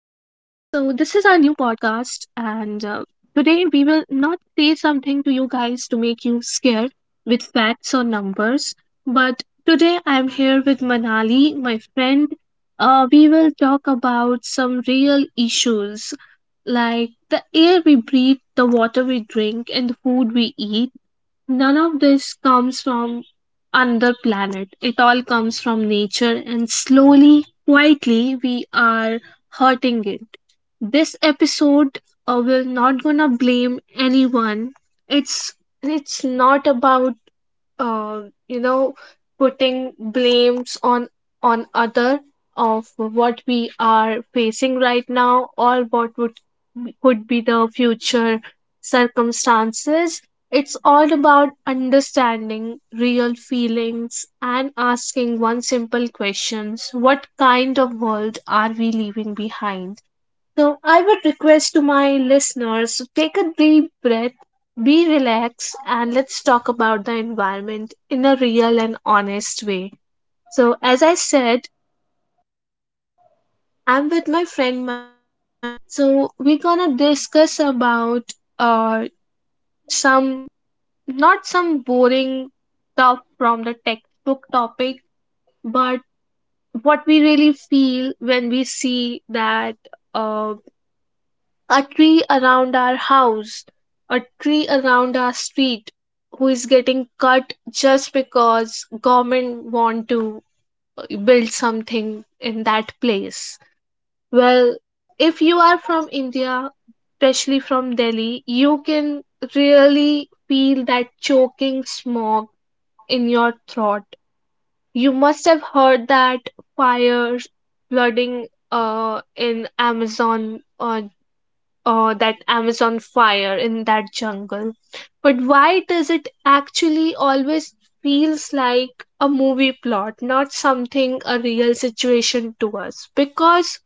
today we will not say something to you guys to make you scared with facts or numbers. But today I am here with Manali, my friend. We will talk about some real issues like the air we breathe, the water we drink, and the food we eat. None of this comes from another planet. It all comes from nature, and slowly, quietly, we are hurting it. This episode, we're not gonna blame anyone. It's it's not about uh, you know putting blames on other of what we are facing right now or what would could be the future circumstances. It's all about understanding real feelings and asking one simple questions: what kind of world are we leaving behind? So, I would request to my listeners to take a deep breath, be relaxed, and let's talk about the environment in a real and honest way. So, as I said, I'm with my friend Manali. So, we're gonna discuss about uh, some not some boring stuff from the textbook topic, but what we really feel when we see that uh, a tree around our house, a tree around our street who is getting cut just because government want to build something in that place. Well, if you are from India, especially from Delhi, you can really feel that choking smog in your throat. You must have heard that fires, flooding in Amazon, that Amazon fire in that jungle. But why does it actually always feels like a movie plot, not something a real situation to us? Because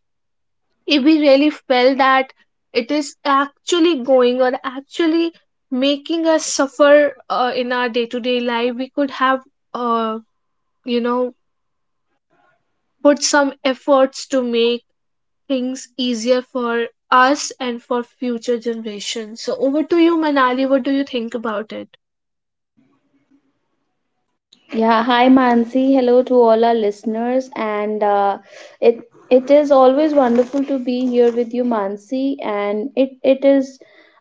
if we really felt that it is actually going or actually making us suffer in our day to day life, we could have, uh, you know, put some efforts to make things easier for us and for future generations. So over to you, Manali. What do you think about it? Yeah, hi Mansi. Hello to all our listeners, and it it is always wonderful to be here with you, Mansi. And it is,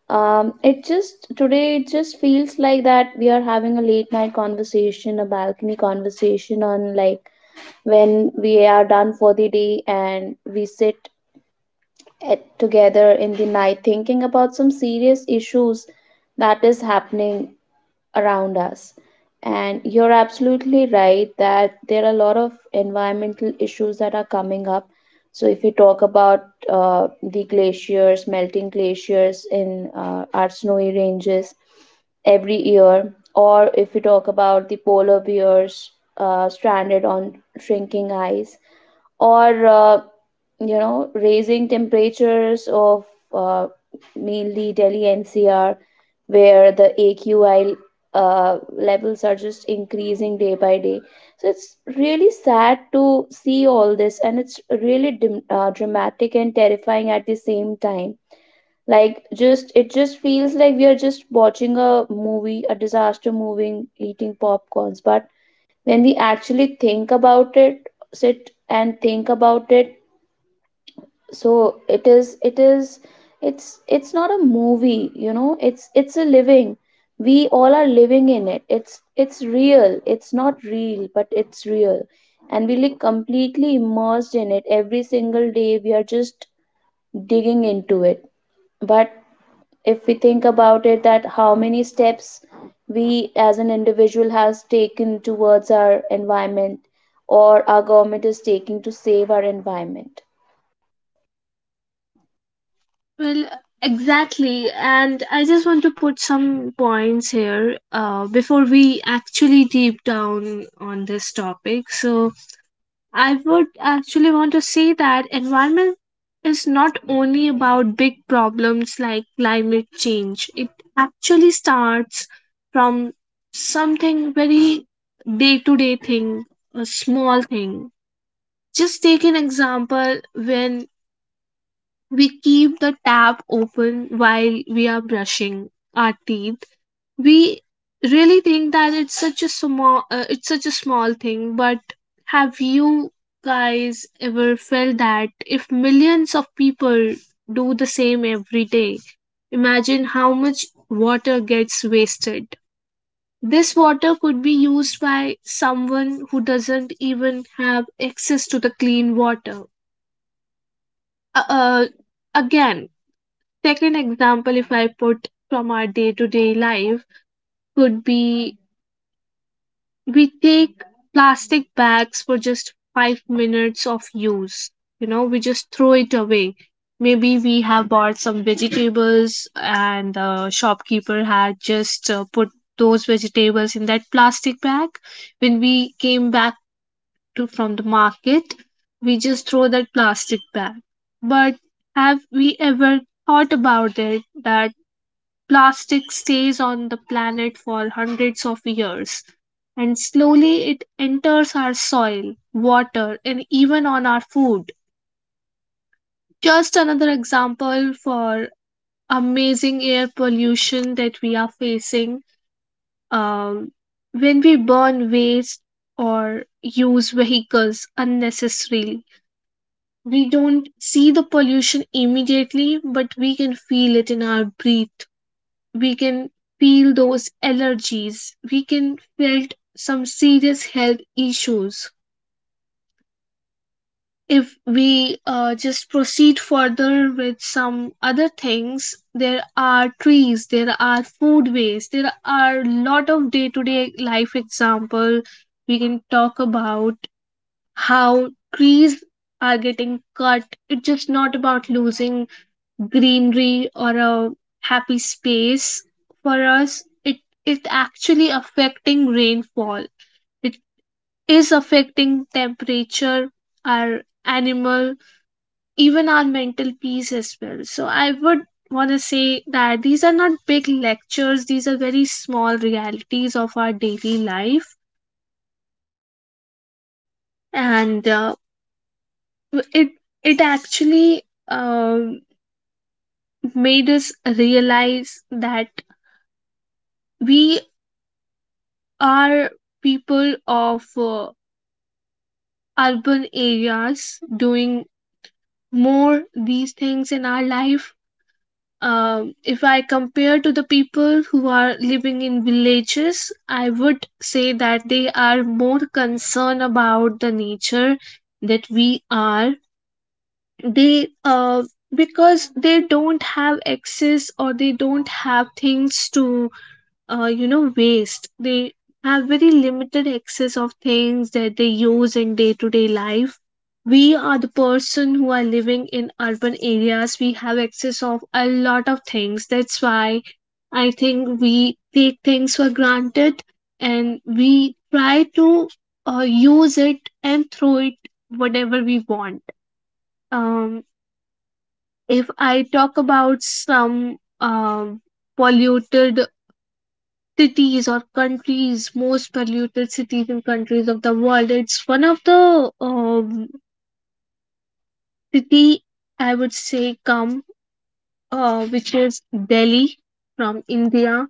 it just today it just feels like that we are having a late night conversation, a balcony conversation on like when we are done for the day and we sit together in the night thinking about some serious issues that is happening around us. And you're absolutely right that there are a lot of environmental issues that are coming up. So, if you talk about the glaciers, melting glaciers in our snowy ranges every year, or if you talk about the polar bears stranded on shrinking ice, or raising temperatures of uh, mainly Delhi NCR where the AQI levels are just increasing day by day. So it's really sad to see all this, and it's really dramatic and terrifying at the same time. Like, just it just feels like we are just watching a movie, a disaster movie, eating popcorns. But when we actually think about it, sit and think about it, so it is, it's not a movie, you know, it's a living, we all are living in it, it's real, it's not real but it's real, and we live completely immersed in it every single day, we are just digging into it. But if we think about it, that how many steps we as an individual has taken towards our environment, or our government is taking to save our environment. Well, exactly. And I just want to put some points here before we actually deep down on this topic. So, I would actually want to say that environment is not only about big problems like climate change. It actually starts from something very day to day thing, a small thing. Just take an example when we keep the tap open while we are brushing our teeth. We really think that it's such a small thing, but have you guys ever felt that if millions of people do the same every day, imagine how much water gets wasted. This water could be used by someone who doesn't even have access to the clean water. Uh, uh, again take an example if I put from our day to day life, could be we take plastic bags for just 5 minutes of use. You know, we just throw it away. Maybe we have bought some vegetables and the shopkeeper had just put those vegetables in that plastic bag. When we came back to from the market, we just throw that plastic bag. But have we ever thought about it that plastic stays on the planet for hundreds of years, and slowly it enters our soil, water, and even on our food. Just another example for amazing air pollution that we are facing, um, when we burn waste or use vehicles unnecessarily. We don't see the pollution immediately, but we can feel it in our breath. We can feel those allergies, we can felt some serious health issues. If we just proceed further with some other things, there are trees, there are food waste, there are a lot of day-to-day life example we can talk about. How trees are getting cut, it's just not about losing greenery or a happy space for us. It actually affecting rainfall, it is affecting temperature, our animal, even our mental peace as well. So I would want to say that these are not big lectures, these are very small realities of our daily life. And it it actually um made us realize that we are people of urban areas doing more these things in our life. If I compare to the people who are living in villages, I would say that they are more concerned about the nature that we are. They because they don't have access or they don't have things to waste. They have very limited access of things that they use in day to day life. We are the person who are living in urban areas, we have access of a lot of things, that's why I think we take things for granted, and we try to use it and throw it whatever we want. Um, if I talk about some polluted cities or countries, most polluted cities and countries of the world, it's one of the um, city I would say come which is Delhi, from India.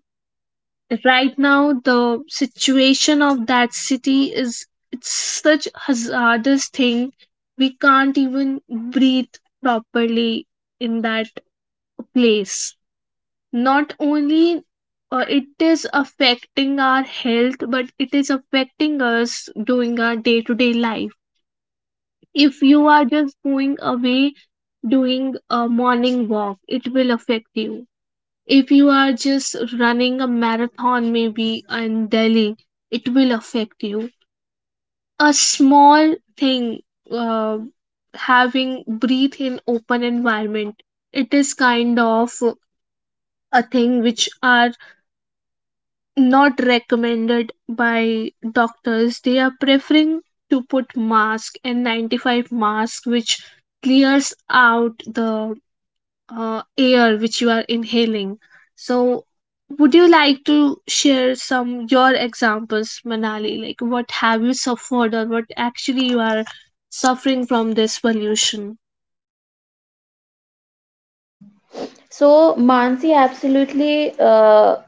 Right now, the situation of that city is it's such hazardous thing, we can't even breathe properly in that place. Not only it is affecting our health, but it is affecting us during our day to day life. If you are just going away doing a morning walk, it will affect you. If you are just running a marathon maybe in Delhi, it will affect you. A small thing, uh, having breathe in open environment, it is kind of a thing which are not recommended by doctors. They are preferring to put mask and 95 mask, which clears out the air which you are inhaling. So, would you like to share some your examples, Manali? Like, what have you suffered, or what actually you are suffering from this pollution? So, Mansi, absolutely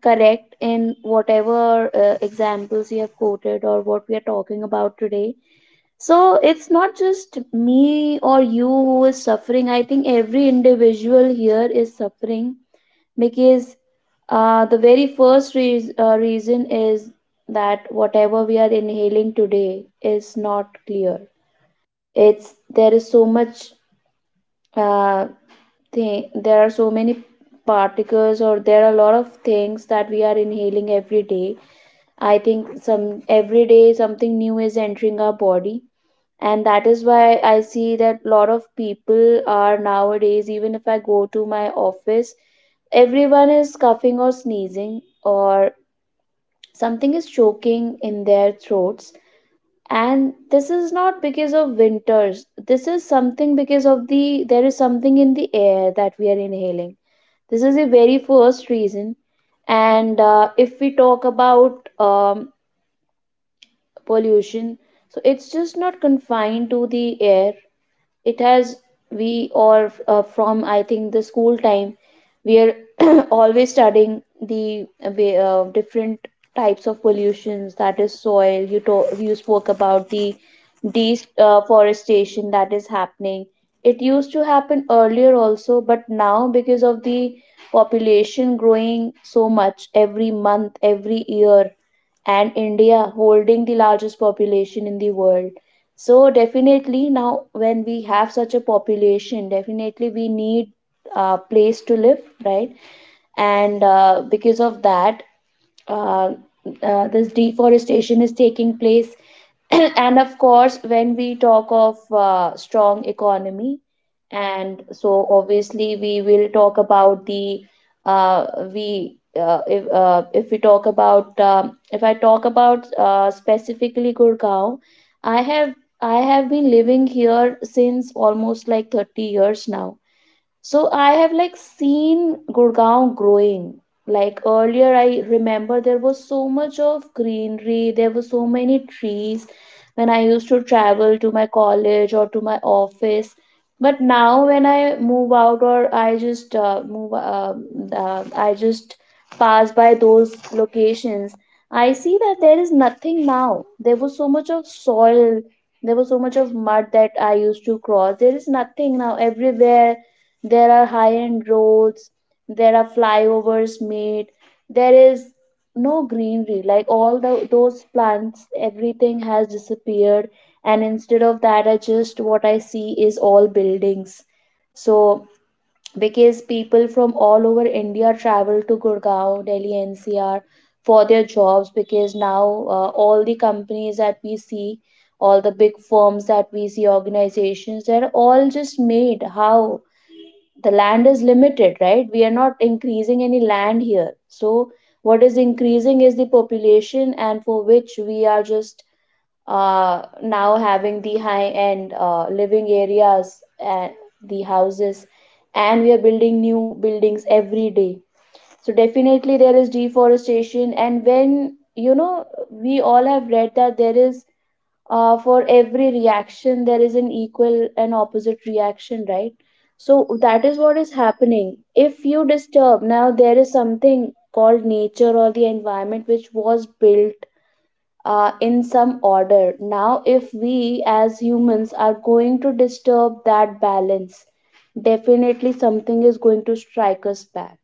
correct in whatever examples you have quoted or what we are talking about today. So, it's not just me or you who is suffering. I think every individual here is suffering because the very first reason is that whatever we are inhaling today is not clear. It's there is so much uh, thing there are so many particles, or there are a lot of things that we are inhaling every day. I think some every day something new is entering our body, and that is why I see that a lot of people are nowadays, even if I go to my office, everyone is coughing or sneezing, or something is choking in their throats. And this is not because of winters, this is something because of the, there is something in the air that we are inhaling. This is the very first reason. And if we talk about pollution, so it's just not confined to the air. It has, we all from I think the school time, we are always studying the different types of pollutions, that is soil. You you spoke about the deforestation that is happening. It used to happen earlier also, but now because of the population growing so much every month, every year, and India holding the largest population in the world. So, definitely, now when we have such a population, definitely we need a place to live, right? And because of that, uh, this deforestation is taking place and of course, when we talk of strong economy and, so obviously we will talk about the, uh, we if we talk about if I talk about specifically Gurgaon. i have I have been living here since almost like 30 years now, so I have like seen Gurgaon growing. Like earlier, I remember there was so much of greenery, there were so many trees when I used to travel to my college or to my office. But now, when I move out, or I just I just pass by those locations, I see that there is nothing now. There was so much of soil, there was so much of mud that I used to cross. There is nothing now. Everywhere there are high end roads, there are flyovers made, there is no greenery, like all the those plants, everything has disappeared. And instead of that, I just, what I see is all buildings. So because people from all over India travel to Gurgaon, Delhi NCR for their jobs, because now all the companies that we see, all the big firms that we see, organizations, they're all just made. How the land is limited, right? We are not increasing any land here. So what is increasing is the population, and for which we are just now having the high end living areas and the houses, and we are building new buildings every day. So definitely there is deforestation. And when, you know, we all have read that there is, for every reaction there is an equal and opposite reaction, right? So that is what is happening. If you disturb, now there is something called nature or the environment, which was built in some order. Now if we as humans are going to disturb that balance, definitely something is going to strike us back.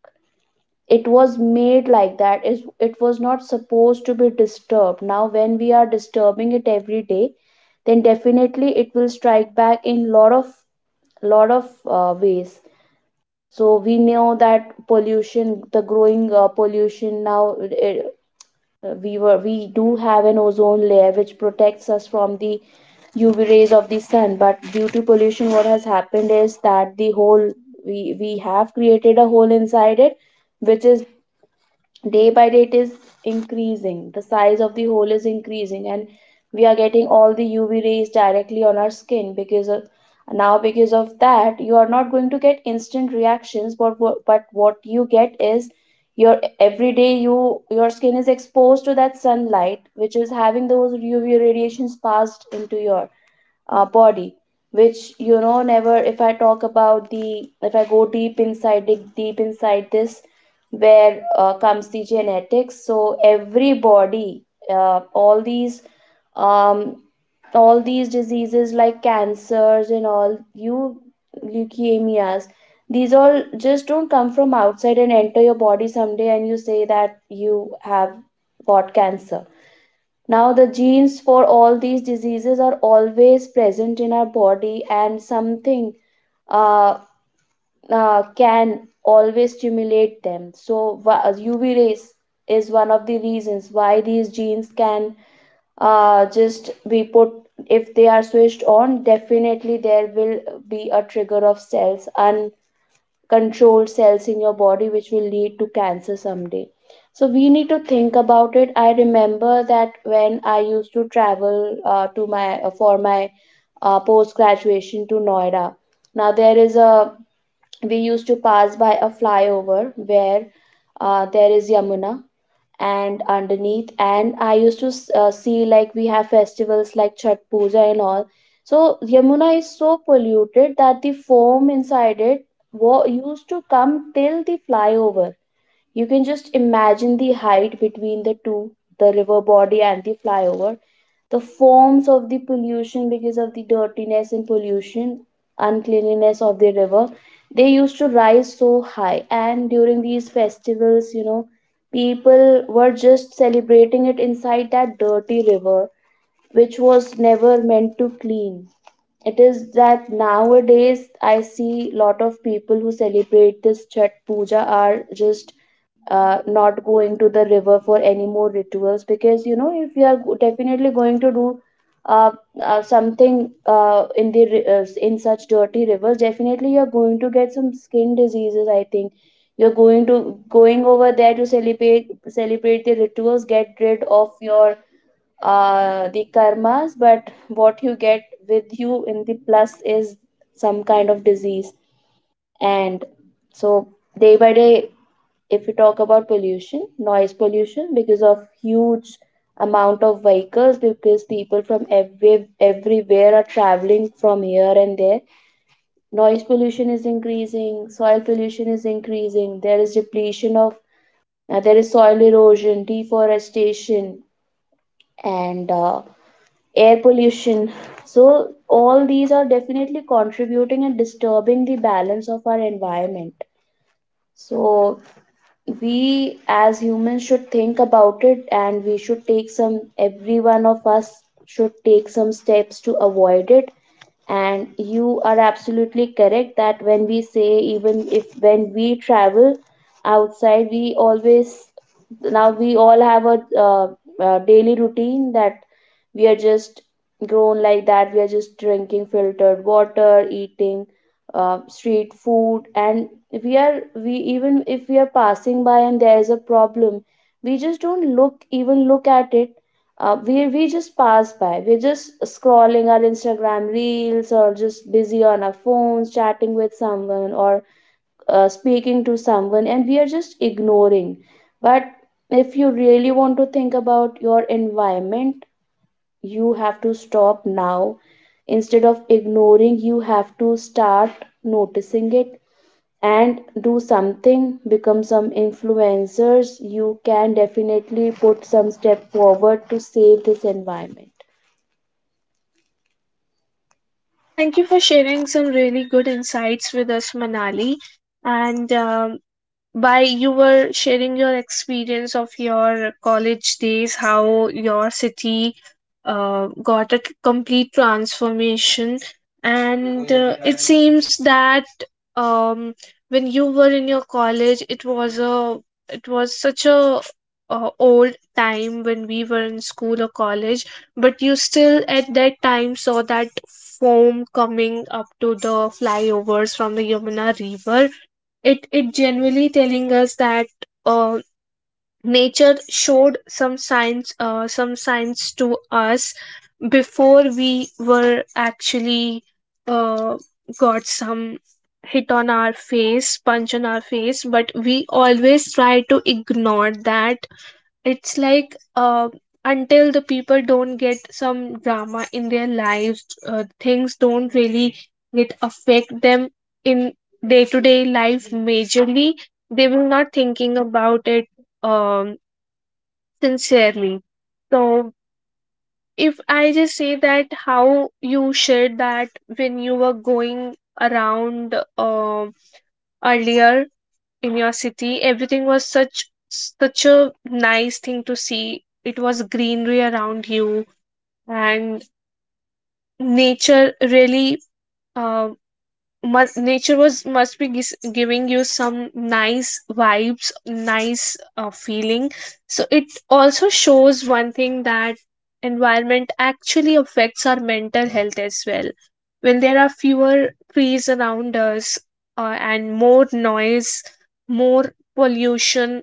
It was made like that, is it was not supposed to be disturbed. Now when we are disturbing it every day, then definitely it will strike back in lot of ways. So we know that pollution, the growing pollution, now it, we do have an ozone layer which protects us from the UV rays of the sun. But due to pollution, what has happened is that the whole, we have created a hole inside it, which is day by day, it is increasing, the size of the hole is increasing. And we are getting all the UV rays directly on our skin because of, now because of that, you are not going to get instant reactions. But but what you get is, your every day, you, your skin is exposed to that sunlight which is having those UV radiations passed into your body. Which, you know, never, if I talk about the, if I go deep inside, dig deep inside this, where comes the genetics. So every body, all these, um, all these diseases like cancers and all, you, leukemias, these all just don't come from outside and enter your body someday and you say that you have got cancer. Now, the genes for all these diseases are always present in our body, and something uh, can always stimulate them. So, UV rays is one of the reasons why these genes can just be put, if they are switched on, definitely there will be a trigger of cells. And controlled cells in your body which will lead to cancer someday. So we need to think about it. I remember that when I used to travel to my for my post graduation to Noida. Now there is a, we used to pass by a flyover where there is Yamuna and underneath. And I used to see, like we have festivals like Chat Puja and all. So Yamuna is so polluted that the foam inside it used to come till the flyover. You can just imagine the height between the two, the river body and the flyover, the forms of the pollution because of the dirtiness and pollution, uncleanliness of the river. They used to rise so high, and during these festivals, you know, people were just celebrating it inside that dirty river, which was never meant to clean. It is that nowadays I see lot of people who celebrate this Chhat Puja are just not going to the river for any more rituals. Because, you know, if you are definitely going to do uh, something in such dirty rivers, definitely you're going to get some skin diseases. I think you're going to going over there to celebrate, celebrate the rituals, get rid of your the karmas, but what you get with you in the plus is some kind of disease. And so, day by day, if we talk about pollution, noise pollution, because of huge amount of vehicles, because people from every, everywhere are traveling from here and there, noise pollution is increasing, soil pollution is increasing, there is depletion of, there is soil erosion, deforestation, and air pollution. So, all these are definitely contributing and disturbing the balance of our environment. So, we as humans should think about it, and we should take some, every one of us should take some steps to avoid it. And you are absolutely correct that when we say, even if when we travel outside, we always, now we all have a, daily routine that we are just grown like that. We are just drinking filtered water, eating street food. And we are we even if we are passing by and there is a problem, we just don't look, even look at it. We just pass by, we're just scrolling our Instagram reels or just busy on our phones chatting with someone or speaking to someone, and we are just ignoring. But if you really want to think about your environment, you have to stop now. Instead of ignoring, you have to start noticing it and do something. Become some influencers, you can definitely put some step forward to save this environment. Well, thank you for sharing some really good insights with us, Manali. And by you were sharing your experience of your college days, how your city complete transformation, and it seems that, um, when you were in your college, it was a it was such a old time when we were in school or college, but you still at that time saw that foam coming up to the flyovers from the Yamuna River. It genuinely telling us that uh, nature showed some signs, some signs to us before we were actually uh, got some hit on our face, punch on our face, but we always try to ignore that. It's like, until the people don't get some drama in their lives, things don't really get affect them in day to day life majorly, they will not thinking about it, um, sincerely. So if I just say that how you shared that when you were going around, um earlier in your city everything was such such a nice thing to see. It was greenery around you, and nature really uh, nature was must be giving you some nice vibes, nice feeling. So it also shows one thing, that environment actually affects our mental health as well. When there are fewer trees around us, and more noise, more pollution,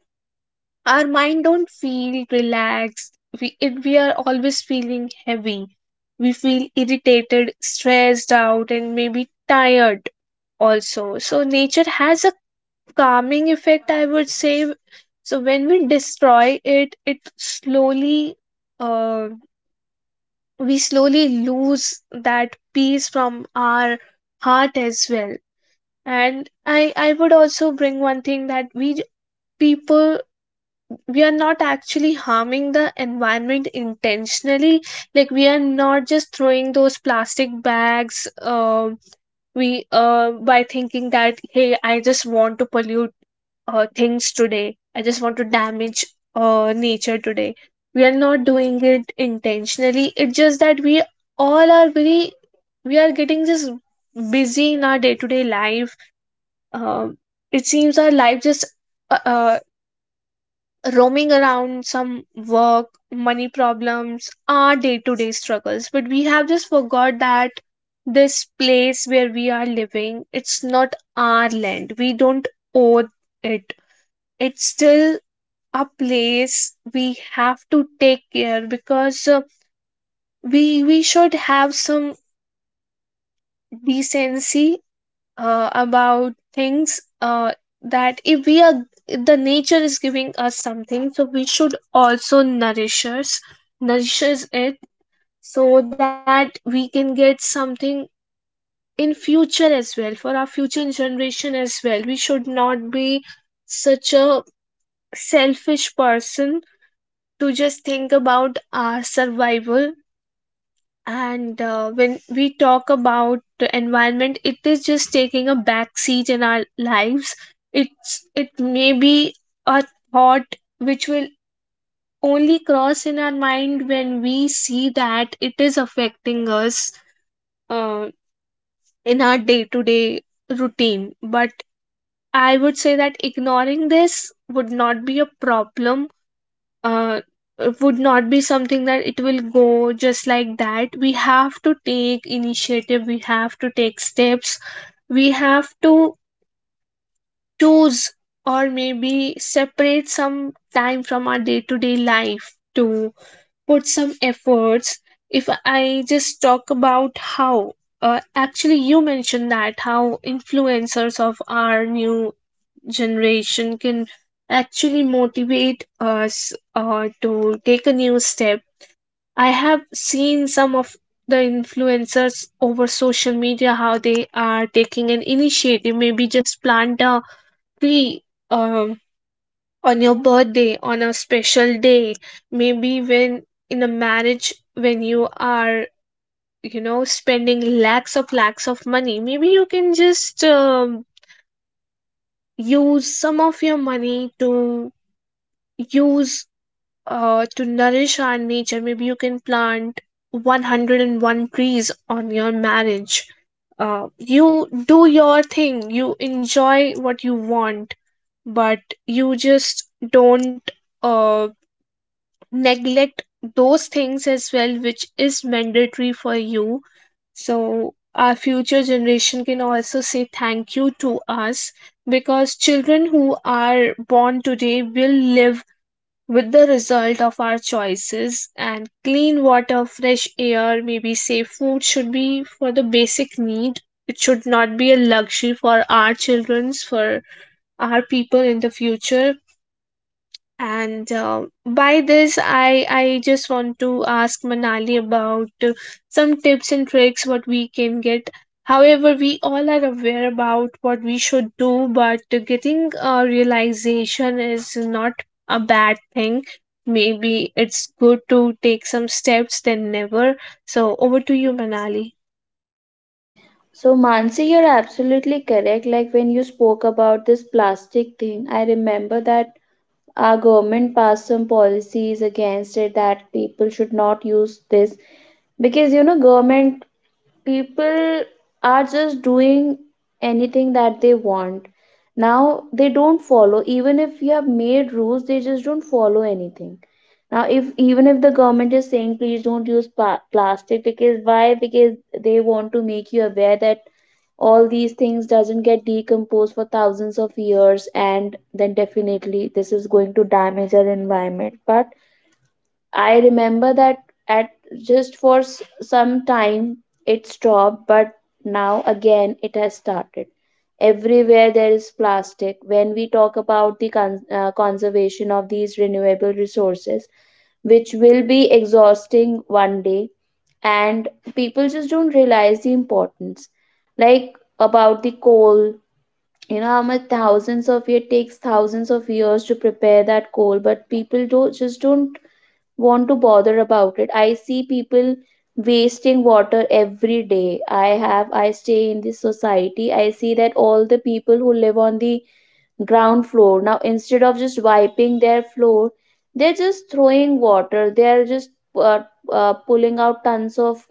our mind don't feel relaxed, we we are always feeling heavy, we feel irritated, stressed out and maybe tired also. So nature has a calming effect, I would say. So when we destroy it, it slowly uh, we slowly lose that peace from our heart as well. And I would also bring one thing, that we people, we are not actually harming the environment intentionally. Like, we are not just throwing those plastic bags, we by thinking that hey I just want to pollute things today, I just want to damage nature today. We are not doing it intentionally. It's just that we all are very, we are getting just busy in our day-to-day life. Um, it seems our life just uh, uh, roaming around some work, money problems, our day to day struggles. But we have just forgot that this place where we are living, it's not our land. We don't own it. It's still a place we have to take care because, we should have some decency about things, that if we are, if the nature is giving us something, so we should also nourishes it, so that we can get something in future as well, for our future generation as well. We should not be such a selfish person to just think about our survival. And when we talk about the environment, it is just taking a back seat in our lives. It's it may be a thought which will only cross in our mind when we see that it is affecting us uh, in our day to day routine. But I would say that ignoring this would not be a problem, uh, would not be something that it will go just like that. We have to take initiative, we have to take steps, we have to choose, or maybe separate some time from our day to day life to put some efforts. If I just talk about how, actually, you mentioned that how influencers of our new generation can actually motivate us to take a new step. I have seen some of the influencers over social media, how they are taking an initiative, maybe just plant a tree um, on your birthday, on a special day, maybe when in a marriage, when you are, you know, spending lakhs of money, maybe you can just use some of your money to use to nourish our nature. Maybe you can plant 101 trees on your marriage. You do your thing, you enjoy what you want, but you just don't uh, neglect those things as well, which is mandatory for you. So, our future generation can also say thank you to us, because children who are born today will live with the result of our choices, and clean water, fresh air, maybe safe food should be for the basic need. It should not be a luxury for our children's, for our people in the future. And by this I just want to ask Manali about some tips and tricks what we can get. However, we all are aware about what we should do, but getting a realization is not a bad thing. Maybe it's good to take some steps than never. So over to you, Manali. So, Mansi, you're absolutely correct. Like, when you spoke about this plastic thing, I remember that our government passed some policies against it, that people should not use this. Because, you know, government, people are just doing anything that they want. Now they don't follow. Even if you have made rules, they just don't follow anything. Now, if even if the government is saying, please don't use plastic, because why? Because they want to make you aware that all these things doesn't get decomposed for thousands of years, and then definitely this is going to damage our environment. But I remember that at, just for some time it stopped, but now again it has started. Everywhere there is plastic. When we talk about the conservation of these renewable resources, which will be exhausting one day, and people just don't realize the importance. Like about the coal, you know how much thousands of years takes, thousands of years to prepare that coal, but people don't just don't want to bother about it. I see people wasting water every day. I stay in this society. I see that all the people who live on the ground floor now, instead of just wiping their floor, they're just throwing water. They're just uh, pulling out tons of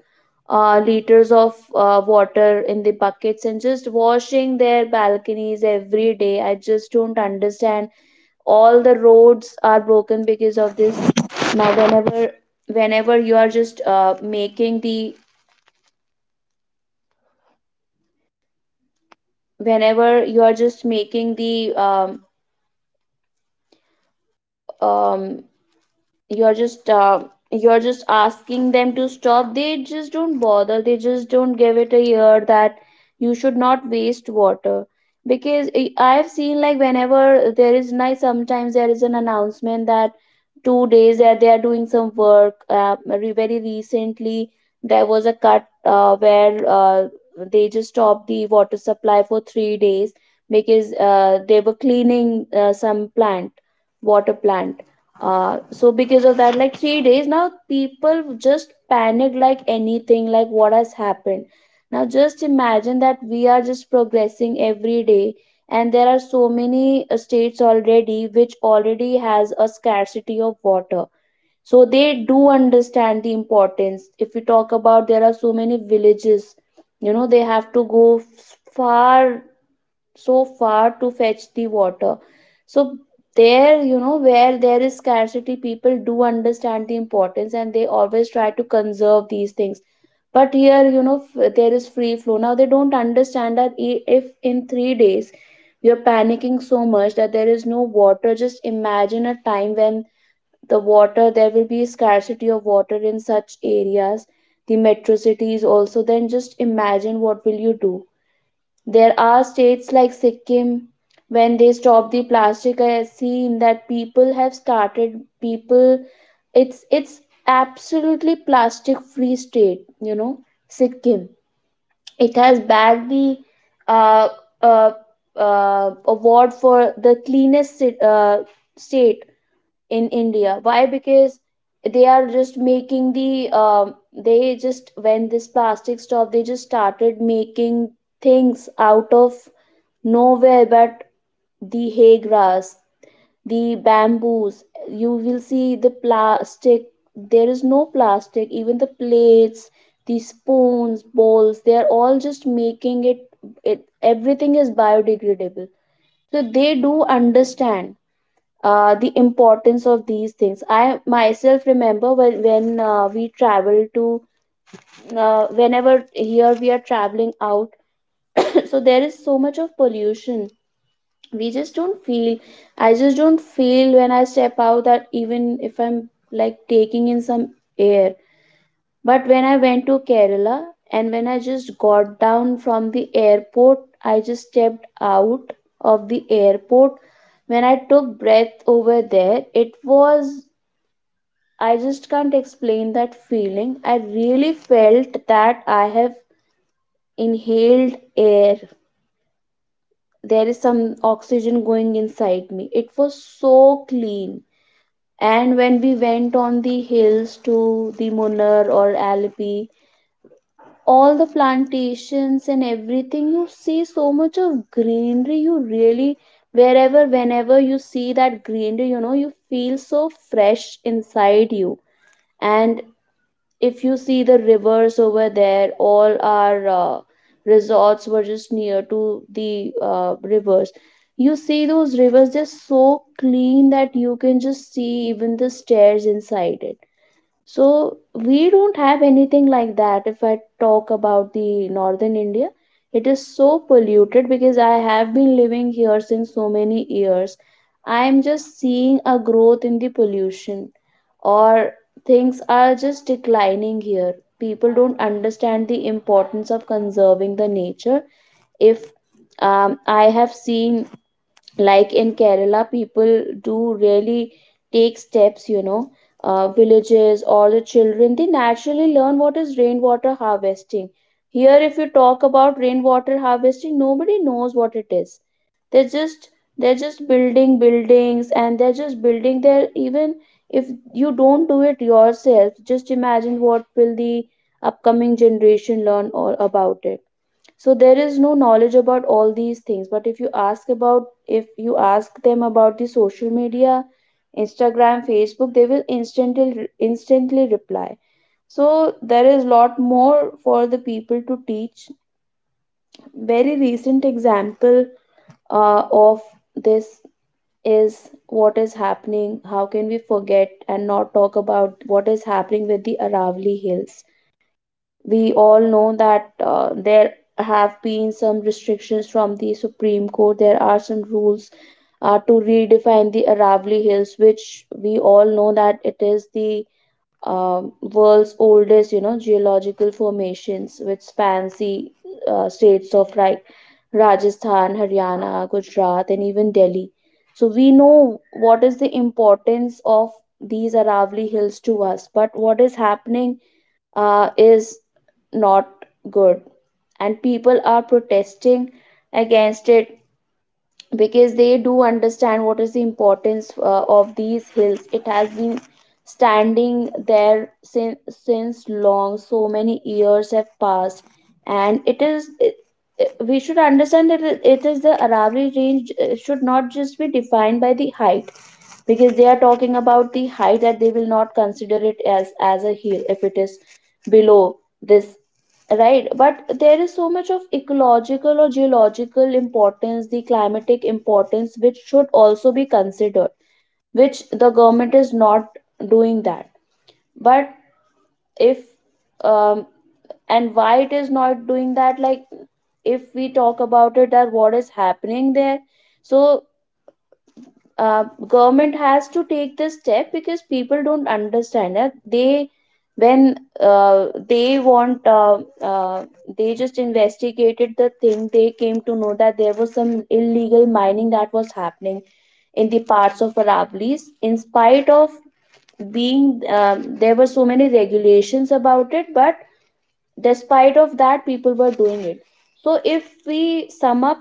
liters of water in the buckets and just washing their balconies every day. I just don't understand. All the roads are broken because of this. Now whenever Whenever you are just making the um, you're just uh, you're just asking them to stop, they just don't bother. They just don't give it a ear that you should not waste water. Because I've seen, like, whenever there is night, sometimes there is an announcement that 2 days that they are doing some work. Very recently there was a cut where they just stopped the water supply for 3 days, because they were cleaning some plant, water plant. So because of that, like, 3 days, now people just panic, like anything, like what has happened. Now just imagine that we are just progressing every day, and there are so many states already which already has a scarcity of water. So they do understand the importance. If we talk about, there are so many villages, you know, they have to go far, so far to fetch the water. So there, you know, where there is scarcity, people do understand the importance and they always try to conserve these things. But here, you know, there is free flow. Now they don't understand that if in 3 days you're panicking so much that there is no water, just imagine a time when the water, there will be scarcity of water in such areas, the metro cities also, then just imagine what will you do. There are states like Sikkim, when they stopped the plastic, I have seen that people have started, people it's absolutely plastic free state, you know, Sikkim. It has bagged the uh, uh, award for the cleanest state in India. Why? Because they are just making the they just, when this plastic stopped, they just started making things out of nowhere, but the hay grass, the bamboos. You will see the plastic. There is no plastic. Even the plates, the spoons, bowls, they are all just making it, everything is biodegradable. So they do understand the importance of these things. I myself remember when we travel to, whenever here we are traveling out, so there is so much of pollution. We just don't feel, I just don't feel when I step out that even if I'm, like, taking in some air. But when I went to Kerala, and when I just got down from the airport, I just stepped out of the airport, when I took breath over there, it was, I just can't explain that feeling. I really felt that I have inhaled air. There is some oxygen going inside me. It was so clean. And when we went on the hills to the Munnar or Alpi, all the plantations and everything, you see so much of greenery. You really, wherever, whenever you see that greenery, you know, you feel so fresh inside you. And if you see the rivers over there, all our resorts were just near to the rivers. You see those rivers, they're so clean that you can just see even the stairs inside it. So we don't have anything like that. If I talk about the northern India, it is so polluted because I have been living here since so many years. I am just seeing a growth in the pollution, or things are just declining here. People don't understand the importance of conserving the nature. If I have seen, like, in Kerala, people do really take steps, you know, villages or the children, they naturally learn what is rainwater harvesting. Here, if you talk about rainwater harvesting, nobody knows what it is. They're just they're just building buildings, and they're just building their, even if you don't do it yourself, just imagine what will the upcoming generation learn all about it. So there is no knowledge about all these things. But if you ask about, if you ask them about the social media, Instagram, Facebook, they will instantly reply. So there is lot more for the people to teach. Very recent example of this is, what is happening, how can we forget and not talk about what is happening with the Aravali Hills. We all know that there have been some restrictions from the Supreme Court. There are some rules to redefine the Aravali Hills, which we all know that it is the world's oldest, you know, geological formations, which spans the states of, right, Rajasthan, Haryana, Gujarat, and even Delhi. So we know what is the importance of these Aravali Hills to us, but what is happening is not good, and people are protesting against it because they do understand what is the importance of these hills. It has been standing there since, long, so many years have passed. And it is it, it- we should understand that it is the Aravalli range should not just be defined by the height, because they are talking about the height that they will not consider it as a hill if it is below this. Right, but there is so much of ecological or geological importance, the climatic importance, which should also be considered, which the government is not doing that. But if, um, and why it is not doing that, like, if we talk about it, that what is happening there, so government has to take this step because people don't understand that they, when they want they just investigated the thing, they came to know that there was some illegal mining that was happening in the parts of Aravallis, in spite of being, there were so many regulations about it, but despite of that people were doing it. So if we sum up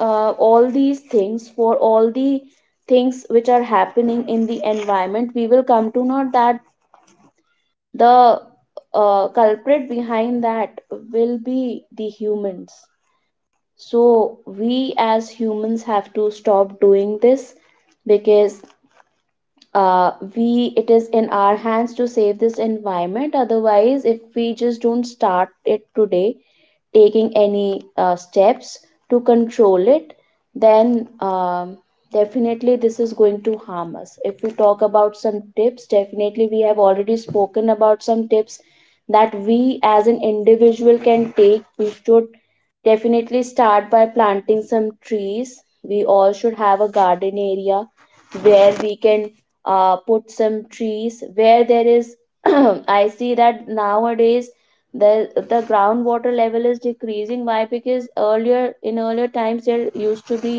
all these things, for all the things which are happening in the environment, we will come to know that the culprit behind that will be the humans. So we as humans have to stop doing this. Because we it is in our hands to save this environment. Otherwise, if we just don't start it today, taking any steps to control it, then definitely this is going to harm us. If we talk about some tips, definitely we have already spoken about some tips that we as an individual can take. We should definitely start by planting some trees. We all should have a garden area where we can put some trees where there is I see that nowadays the groundwater level is decreasing. Why? Because earlier, in earlier times, there used to be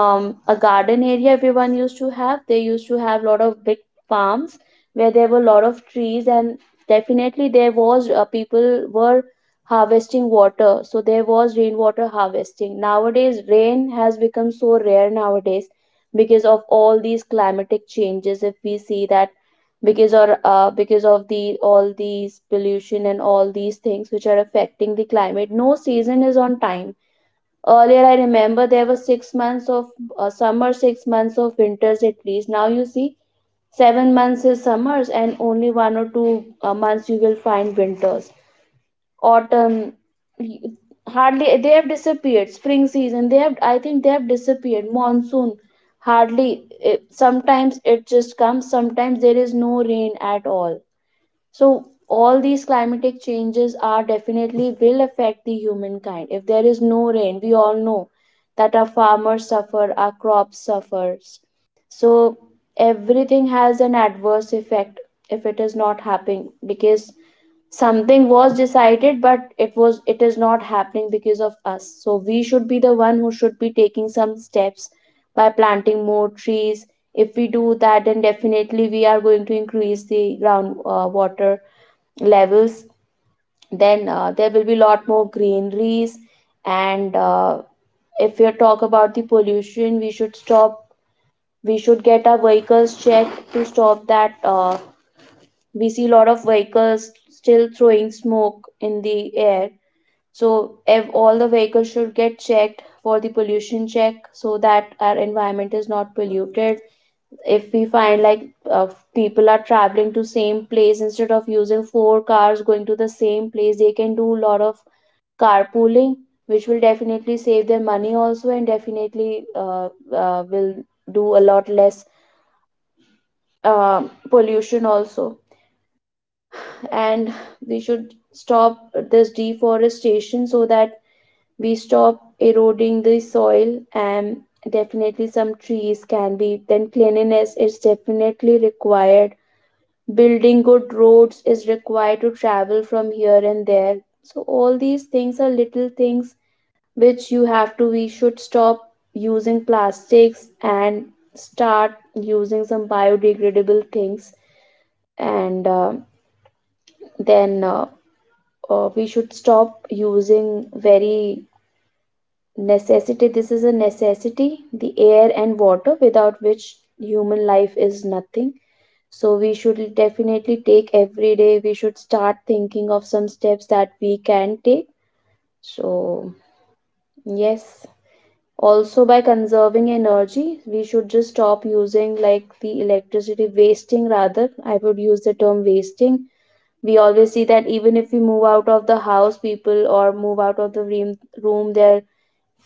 a garden area everyone used to have. They used to have a lot of big farms where there were a lot of trees, and definitely there was, people were harvesting water, so there was rainwater harvesting. Nowadays, rain has become so rare nowadays because of all these climatic changes. If we see that because of the all these pollution and all these things which are affecting the climate, no season is on time. Earlier, I remember there were 6 months of summer, 6 months of winters at least. Now you see, 7 months is summers, and only one or two months you will find winters. Autumn, y- hardly, they have disappeared. Spring season, they have, I think they have disappeared. Monsoon, hardly. Sometimes it just comes. Sometimes there is no rain at all, so all these climatic changes are definitely will affect the humankind. If there is no rain, we all know that our farmers suffer, our crops suffers. So everything has an adverse effect if it is not happening because something was decided but it is not happening because of us. So we should be the one who should be taking some steps by planting more trees. If we do that, then definitely we are going to increase the ground water levels. Then there will be a lot more greeneries, and if we talk about the pollution, we should stop, we should get our vehicles checked to stop that. We see a lot of vehicles still throwing smoke in the air, so if all the vehicles should get checked for the pollution check so that our environment is not polluted. If we find like uh, people are traveling to same place, instead of using four cars going to the same place, they can do a lot of carpooling, which will definitely save their money also, and definitely will do a lot less pollution also. And we should stop this deforestation so that we stop eroding the soil, and definitely some trees can be. Then cleanliness is definitely required, building good roads is required to travel from here and there. So all these things are little things which you have to we should stop using plastics and start using some biodegradable things, and then we should stop using very necessity. This is a necessity, the air and water, without which human life is nothing. So we should definitely take, every day we should start thinking of some steps that we can take. So yes, also by conserving energy, we should just stop using, like, the electricity wasting. Rather, I would use the term wasting. We always see that even if we move out of the house, people, or move out of the room, their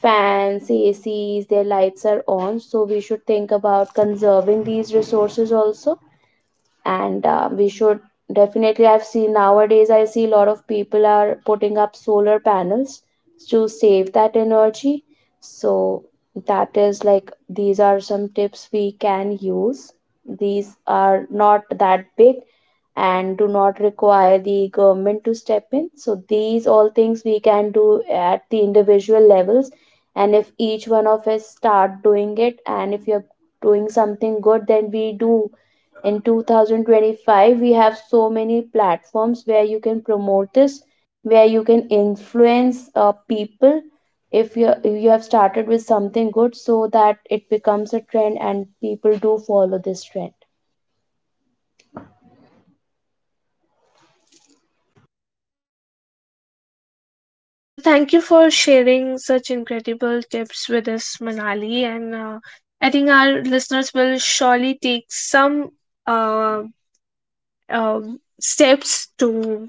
fans, ACs, their lights are on. So we should think about conserving these resources also. And we should definitely, I've seen nowadays I see a lot of people are putting up solar panels to save that energy. So that is like, these are some tips we can use. These are not that big and do not require the government to step in. So, these all things we can do at the individual levels. And if each one of us start doing it, and if you're doing something good, then we do. In 2025, we have so many platforms where you can promote this, where you can influence people, if you have started with something good so that it becomes a trend and people do follow this trend. Well, thank you for sharing such incredible tips with us, Manali. And I think our listeners will surely take some uh, steps to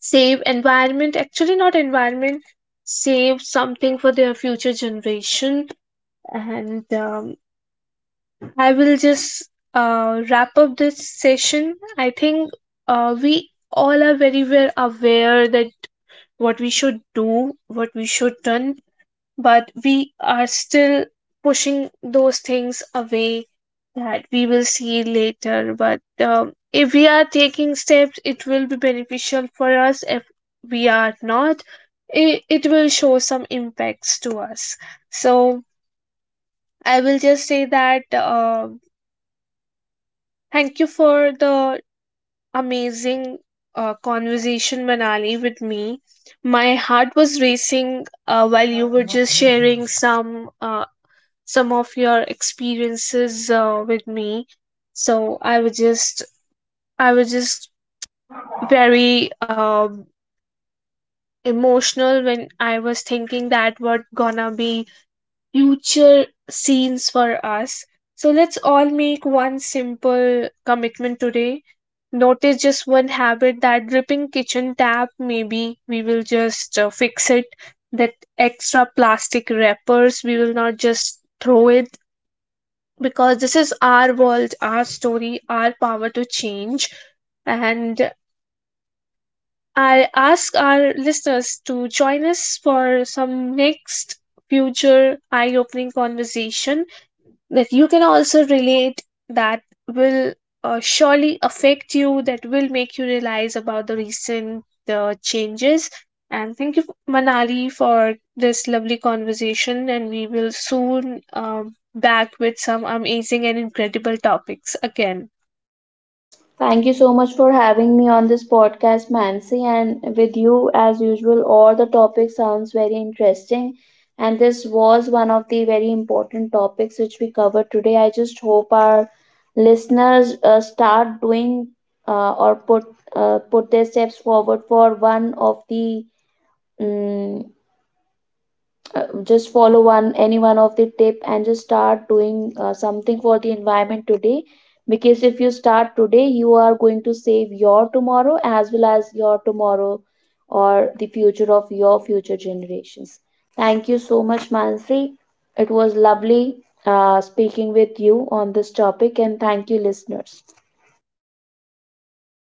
save environment. Actually, not environment, save something for their future generation. And I will just wrap up this session. I think we all are very well aware that what we should do, what we should done, but we are still pushing those things away, that we will see later. But if we are taking steps it will be beneficial for us. If we are not, it will show some impacts to us. So I will just say that thank you for the amazing conversation, Manali, with me. My heart was racing while you were just sharing some of your experiences with me. So I was just very emotional when I was thinking that what gonna be future scenes for us. So let's all make one simple commitment today. Notice just one habit, that dripping kitchen tap. Maybe we will just fix it. That extra plastic wrappers, we will not just throw it, because this is our world, our story, our power to change. And I ask our listeners to join us for some next future eye opening conversation that you can also relate, that will surely affect you, that will make you realize about the recent changes. And thank you, Manali, for this lovely conversation, and we will soon back with some amazing and incredible topics again. Thank you so much for having me on this podcast, Mansi. And with you, as usual, all the topic sounds very interesting. And this was one of the very important topics which we covered today. I just hope our listeners start doing or put put their steps forward for one of the um, just follow one any one of the tip and just start doing something for the environment today, because if you start today you are going to save your tomorrow as well as your tomorrow, or the future of your future generations. Thank you so much, Mansi. It was lovely speaking with you on this topic. And thank you, listeners.